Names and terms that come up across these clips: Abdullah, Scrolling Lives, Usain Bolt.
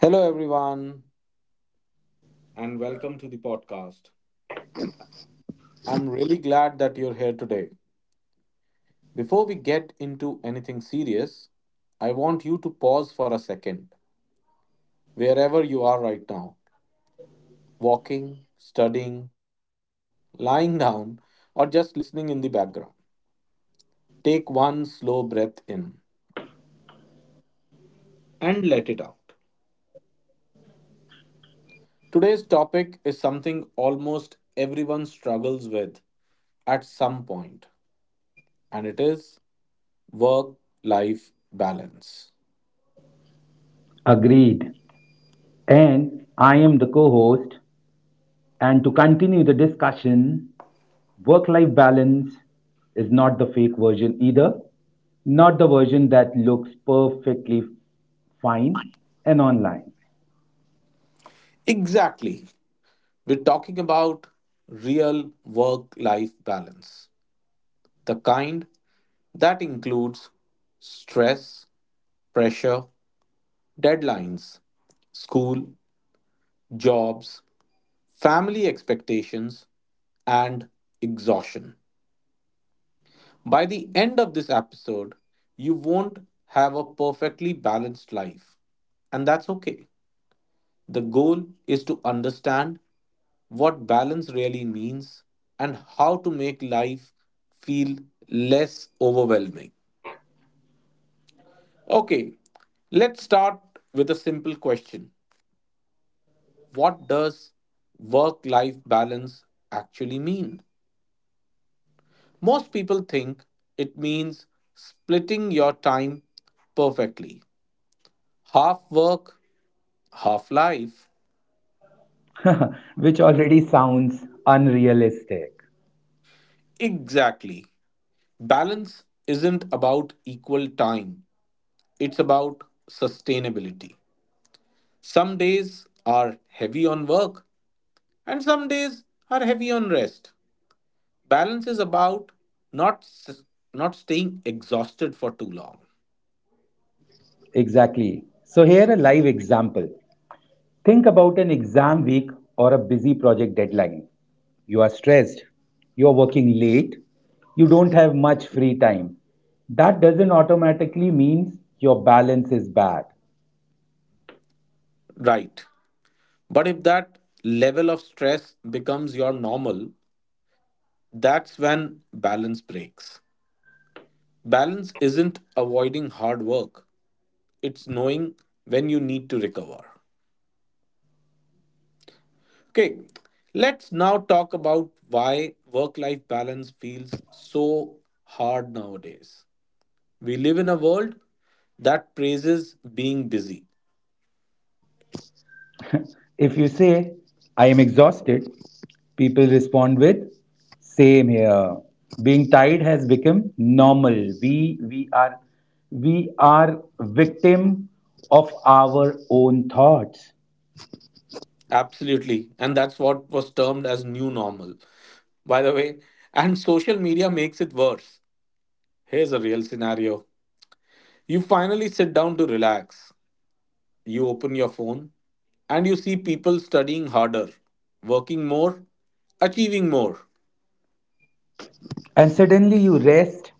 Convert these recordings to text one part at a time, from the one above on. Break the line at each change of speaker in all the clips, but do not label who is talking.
Hello, everyone, and welcome to the podcast. I'm really glad that you're here today. Before we get into anything serious, I want you to pause for a second, wherever you are right now walking, studying, lying down, or just listening in the background. Take one slow breath in and let it out. Today's topic is something almost everyone struggles with at some point, and it is work life balance.
Agreed. And I am the co host. And to continue the discussion, work life balance is not the fake version either, not the version that looks perfectly fine and online,
Exactly. We're talking about real work life balance, the kind that includes stress, pressure, deadlines, school, jobs, family expectations, and exhaustion. By the end of this episode, you won't have a perfectly balanced life, and that's okay. The goal is to understand what balance really means, and how to make life feel less overwhelming. Okay, let's start with a simple question: what does work life balance actually mean? Most people think it means splitting your time perfectly. Half work, half life.
which already sounds unrealistic.
Exactly. Balance isn't about equal time, it's about sustainability. Some days are heavy on work, and some days are heavy on rest. Balance is about not s- not staying exhausted for too long.
Exactly. So, here a live example. Think about an exam week or a busy project deadline. You are stressed, you are working late, you don't have much free time. That doesn't automatically mean your balance is bad.
Right. But if that level of stress becomes your normal, that's when balance breaks. Balance isn't avoiding hard work, it's knowing when you need to recover. Okay, let's now talk about why work life balance feels so hard nowadays. We live in a world that praises being busy.
If you say, I am exhausted, people respond with, same here. Being tired has become normal. We, we, are, we are victim of our own thoughts.
Absolutely. And that's what was termed as new normal, by the way. And social media makes it worse. Here's a real scenario: you finally sit down to relax, you open your phone, and you see people studying harder, working more, achieving more.
And suddenly you rest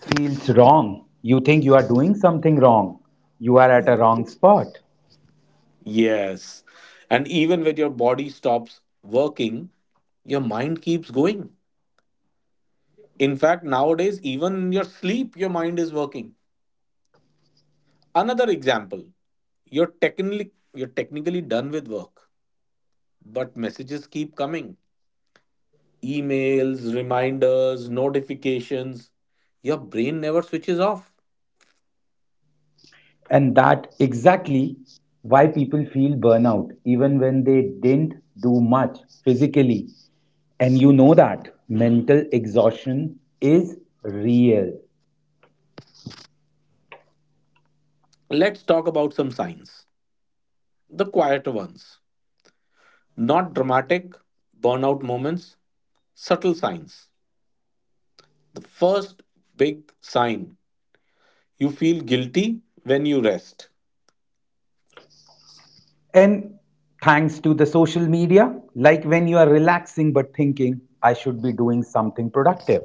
feels wrong. You think you are doing something wrong. You are at a wrong spot.
Yes. And even when your body stops working, your mind keeps going. In fact, nowadays, even in your sleep, your mind is working. Another example, you're technically done with work, but messages keep coming. Emails, reminders, notifications. Your brain never switches off.
And that exactly why people feel burnout even when they didn't do much physically. And you know that mental exhaustion is real.
Let's talk about some signs. The quieter ones. Not dramatic, burnout moments, subtle signs. The first big sign: you feel guilty when you rest.
And thanks to the social media, like when you are relaxing but thinking, I should be doing something productive.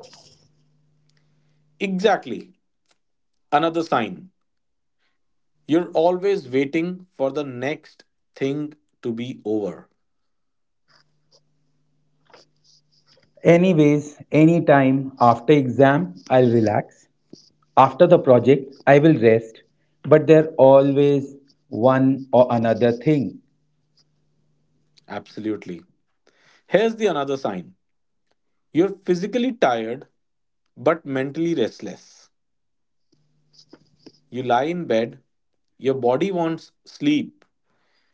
Exactly. Another sign: you're always waiting for the next thing to be over.
Anyways, anytime after exam, I'll relax. After the project, I will rest, but there always one or another thing.
Absolutely. Here's the another sign. You're physically tired but mentally restless. You lie in bed, your body wants sleep,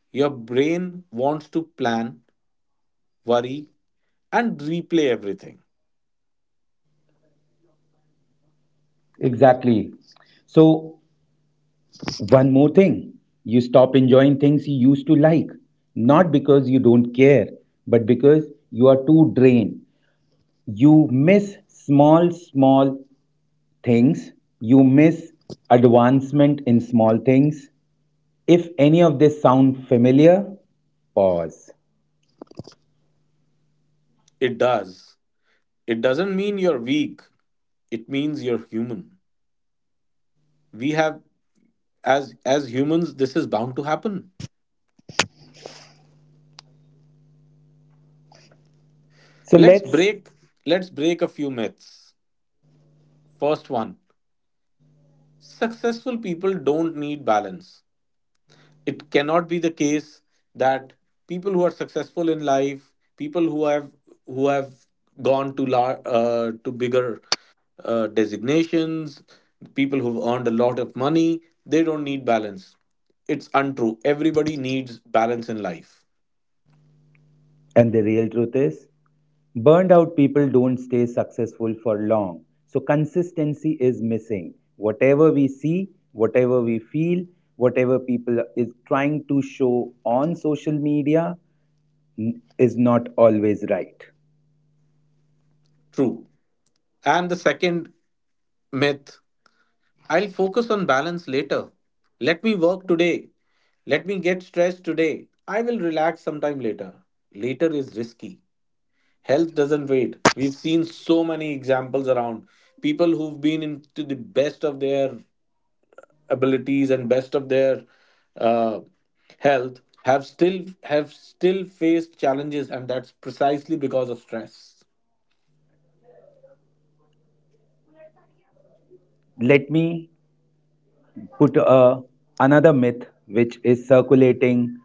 your brain wants to plan, worry, and replay everything.
Exactly. So, one more thing. You stop enjoying things you used to like, not because you don't care, but because you are too drained. You miss small, small things. You miss advancement in small things. If any of this sound familiar, pause.
It does. It doesn't mean you're weak. It means you're human. We have As humans, this is bound to happen.
So
Let's
let's,
break let's break a few myths. First one: successful people don't need balance. It cannot be the case that people who are successful in life, people who have gone to bigger designations, people who've earned a lot of money, they don't need balance. It's untrue. Everybody needs balance in life.
and the real truth is, burned out people don't stay successful for long. So consistency is missing. Whatever we see, whatever we feel, whatever people is trying to show on social media is not always right.
True. And the second myth: I'll focus on balance later. Let me work today. Let me get stressed today. I will relax sometime later. Later is risky. Health doesn't wait. We've seen so many examples around people who've been into the best of their abilities and best of their uh, health have still faced challenges, and that's precisely because of stress.
Let me put a, another myth which is circulating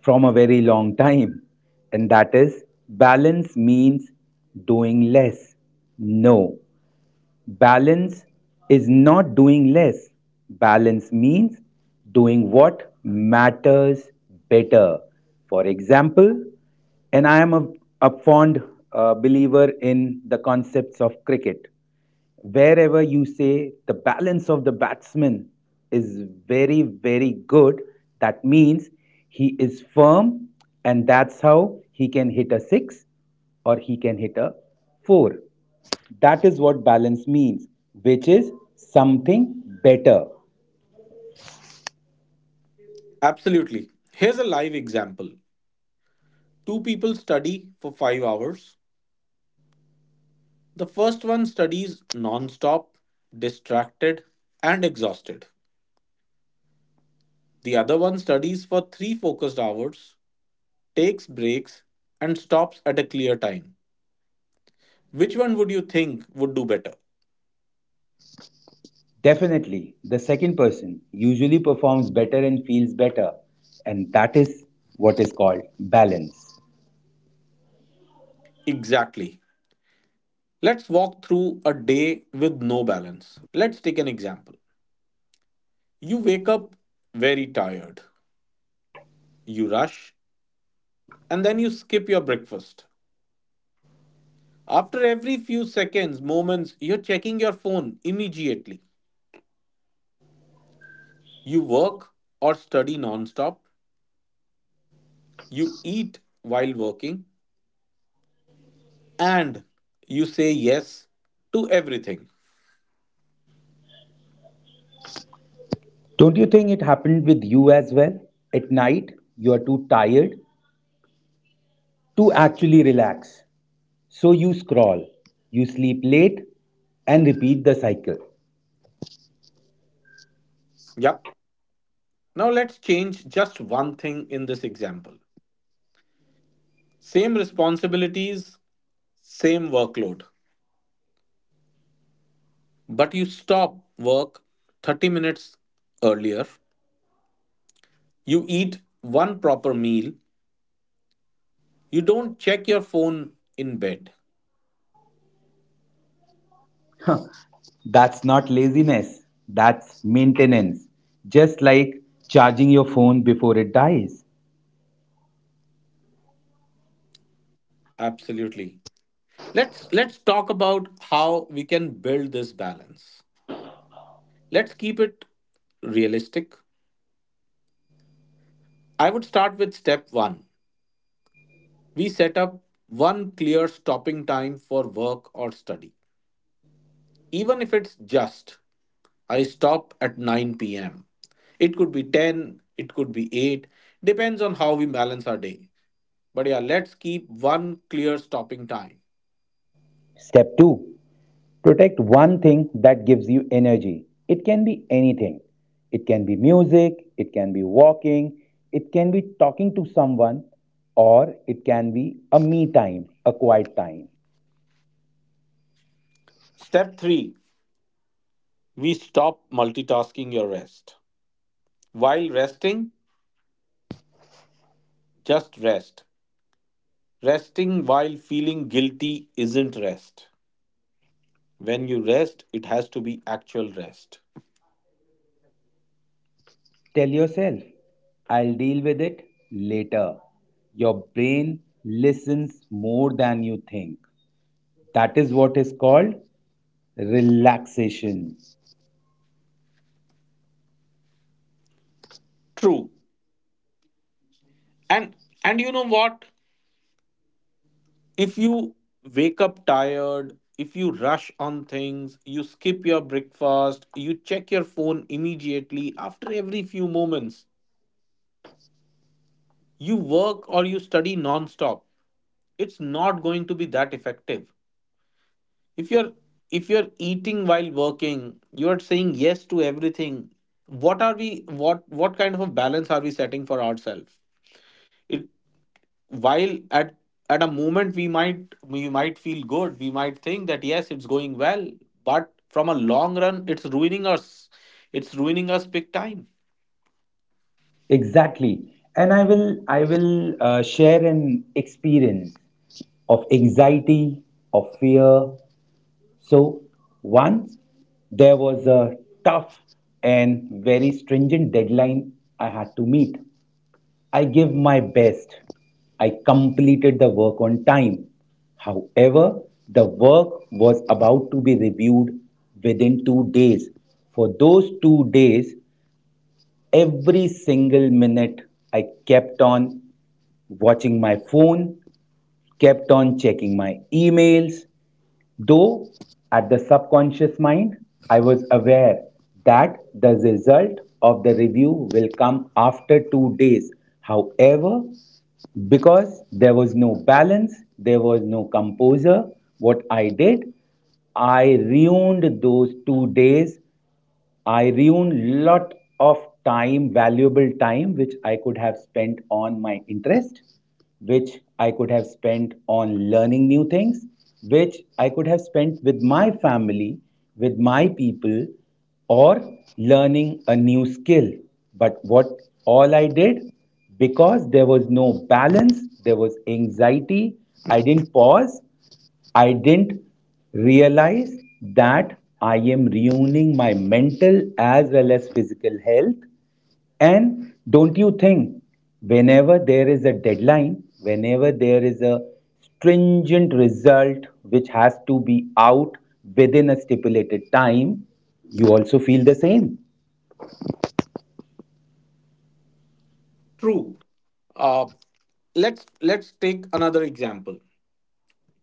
from a very long time, and that is balance means doing less. No, balance is not doing less. Balance means doing what matters better. For example, and a fond believer in the concepts of cricket. Wherever you say the balance of the batsman is very, very good, that means he is firm, and that's how he can hit a six or he can hit a four. That is what balance means, which is something better.
Absolutely. Here's a live example. Two people study for 5 hours. The first one studies non-stop, distracted, and exhausted. The other one studies for 3 focused hours, takes breaks, and stops at a clear time. Which one would you think would do better?
Definitely, the second person usually performs better and feels better, and that is what is called balance.
Exactly. Let's walk through a day with no balance. Let's take an example. You wake up very tired, you rush, and then you skip your breakfast. After every few seconds, moments, you're checking your phone immediately. You work or study nonstop. You eat while working. And you say yes to everything.
Don't you think it happened with you as well? At night, you are too tired to actually relax. So you scroll, you sleep late, and repeat the cycle.
Yep. Now let's change just one thing in this example. Same responsibilities, same workload. But you stop work 30 minutes earlier. You eat one proper meal. You don't check your phone in bed.
That's not laziness, that's maintenance. Just like charging your phone before it dies.
Absolutely. Let's talk about how we can build this balance. Let's keep it realistic. I would start with step one. We set up one clear stopping time for work or study. Even if it's just, I stop at 9 pm. It could be 10, it could be 8, depends on how we balance our day. But yeah, let's keep one clear stopping time.
Step 2, protect one thing that gives you energy. It can be anything. It can be music, it can be walking, it can be talking to someone, or it can be a me time, a quiet time.
Step 3. We stop multitasking your rest. While resting, just rest. Resting while feeling guilty isn't rest. When you rest, it has to be actual rest.
Tell yourself, I'll deal with it later. Your brain listens more than you think. That is what is called relaxation.
True. And and you know what? If you wake up tired, if you rush on things, you skip your breakfast, you check your phone immediately after every few moments, you work or you study non-stop, it's not going to be that effective. If you're if you're eating while working, you're saying yes to everything, what kind of a balance are we setting for ourselves? It. While at a moment we might, we might feel good, we might think that yes, it's going well, but from a long run it's ruining us, it's ruining us big time.
Exactly. And I will share an experience of anxiety, of fear. So once there was a tough and very stringent deadline I had to meet. I gave my best. I completed the work on time. However, the work was about to be reviewed within 2 days. For those 2 days, every single minute I kept on watching my phone, kept on checking my emails, though at the subconscious mind I was aware that the result of the review will come after 2 days. However, because there was no balance, there was no composure, what I did, I ruined those 2 days. I ruined lot of time, valuable time, which I could have spent on my interest, which I could have spent on learning new things, which I could have spent with my family, with my people, or learning a new skill. But what all I did, because there was no balance, there was anxiety, I didn't pause, I didn't realize that I am ruining my mental as well as physical health. And don't you think, whenever there is a deadline, whenever there is a stringent result which has to be out within a stipulated time, you also feel the same.
True. uh let's take another example.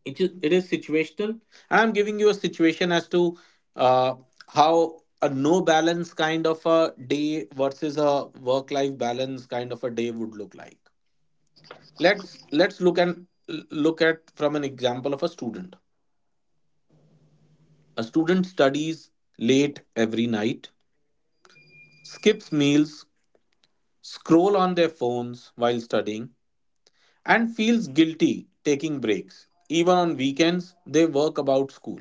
It is situational, and I'm giving you a situation as to uh how a no balance kind of a day versus a work life balance kind of a day would look like. Let's look at from an example of a student. A student studies late every night, skips meals, scroll on their phones while studying, and feels guilty taking breaks. Even on weekends, they work about school.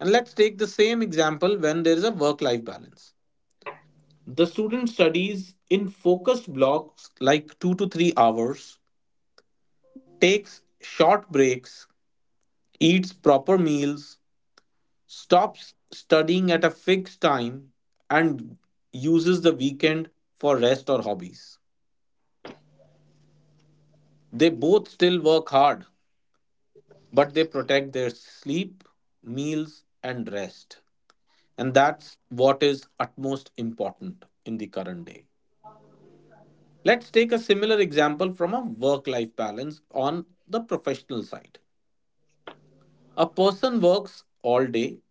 And let's take the same example when there is a work life balance. The student studies in focused blocks like 2 to 3 hours, takes short breaks, eats proper meals, stops studying at a fixed time and uses the weekend for rest or hobbies. They both still work hard, but they protect their sleep, meals, and rest. And that's what is utmost important in the current day. Let's take a similar example from a work life balance on the professional side. A person works all day,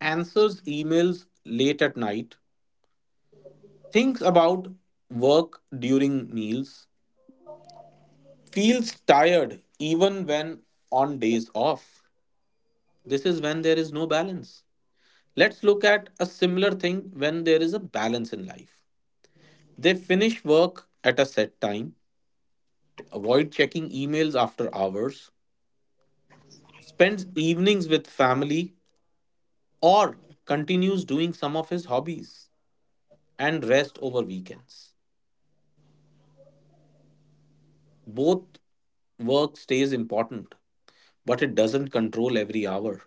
answers emails late at night, thinks about work during meals, feels tired even when on days off. This is when there is no balance. Let's look at a similar thing when there is a balance in life. They finish work at a set time, they avoid checking emails after hours, spends evenings with family, or continues doing some of his hobbies and rest over weekends. Both work stays important, but it doesn't control every hour.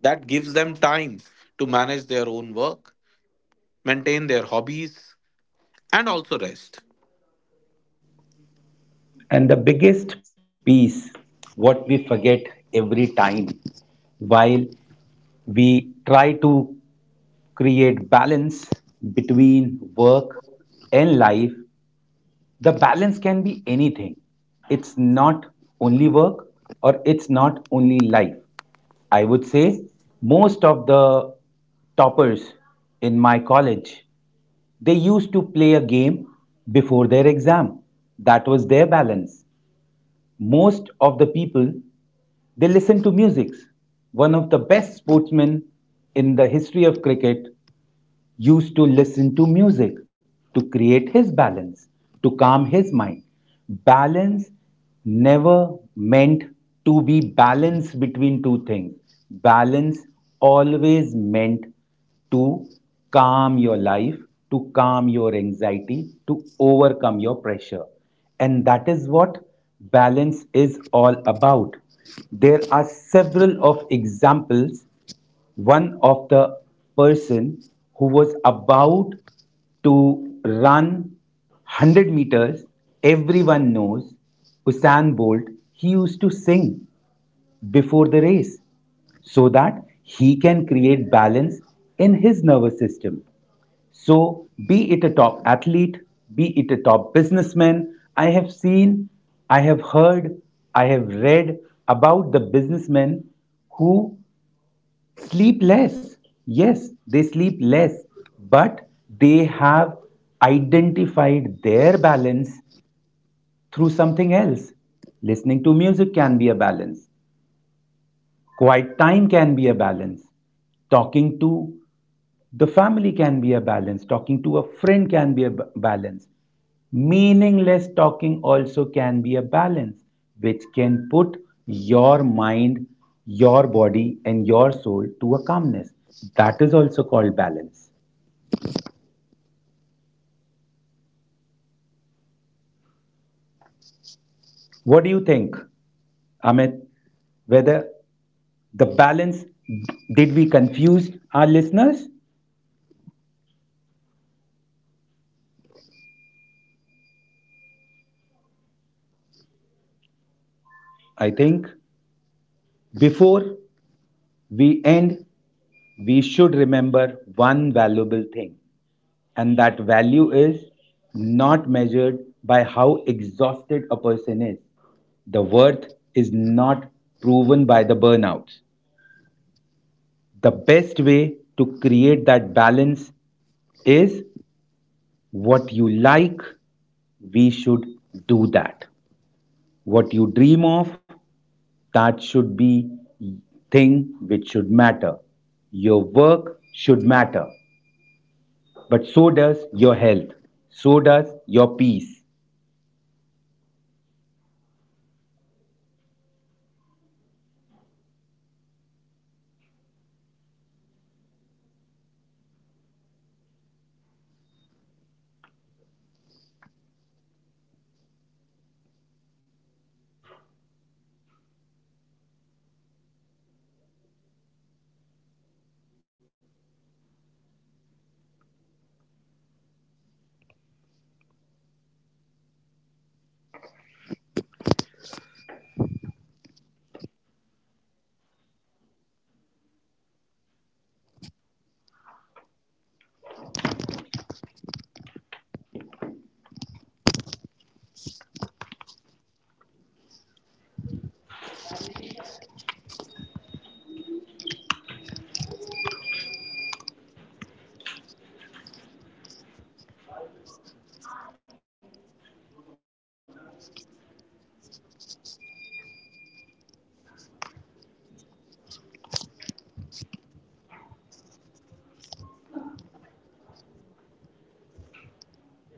That gives them time to manage their own work maintain their hobbies, and also rest.
And the biggest piece, what we forget every time while we try to create balance between work and life. The balance can be anything. It's not only work or it's not only life. I would say most of the toppers in my college, they used to play a game before their exam. That was their balance. Most of the people, they listen to music. One of the best sportsmen in the history of cricket used to listen to music to create his balance, to calm his mind. Balance never meant to be balance between two things. Balance always meant to calm your life, to calm your anxiety, to overcome your pressure. And that is what balance is all about. There are several of examples. One of the person who was about to run 100 meters, everyone knows, Usain Bolt, he used to sing before the race so that he can create balance in his nervous system. So be it a top athlete, be it a top businessman, I have seen, I have heard, I have read about the businessmen who sleep less. Yes, they sleep less, but they have identified their balance through something else. Listening to music can be a balance, quiet time can be a balance, talking to the family can be a balance. Talking to a friend can be a balance. Meaningless talking also can be a balance, which can put your mind, your body, and your soul to a calmness. That is also called balance.
True. Just a laugh with your friends gives you the best
What
relaxation,
do
I
you
would say.
think, Amit? Whether the balance, did we confuse our listeners?
No, I don't think we confused. See, many people believe that if they are busy all the time, they must be doing something right.
I think before we end, we should remember one valuable thing, and that value is not measured by how exhausted a person is. The worth is not proven by the burnouts. The
Yep.
best way to create that balance is what you like, we should do that. What you dream of, that should be thing which should matter. Your work should matter, but so does your health, so does your peace.
True. And people who think that when they are busy all the time, they must be doing something right, in fact, they're wrong. Being busy doesn't always mean being productive. Sometimes it just means we don't know when to stop. Rest is often seen as wasted time when it's actually recovery time. So, rest is the key. Two people can be equally successful, one in calm, one is exhausted. The difference is balance, not effort. So, that's where we probably would go ahead and close our discussion for today. But bringing it to closure, I would just like to reiterate one last thing. Take care of yourself. Work life balance isn't something you find overnight. It's something you practice. One boundary, one pause, one choice at a time. Thank you for spending this time with us. Take care. Have a nice day.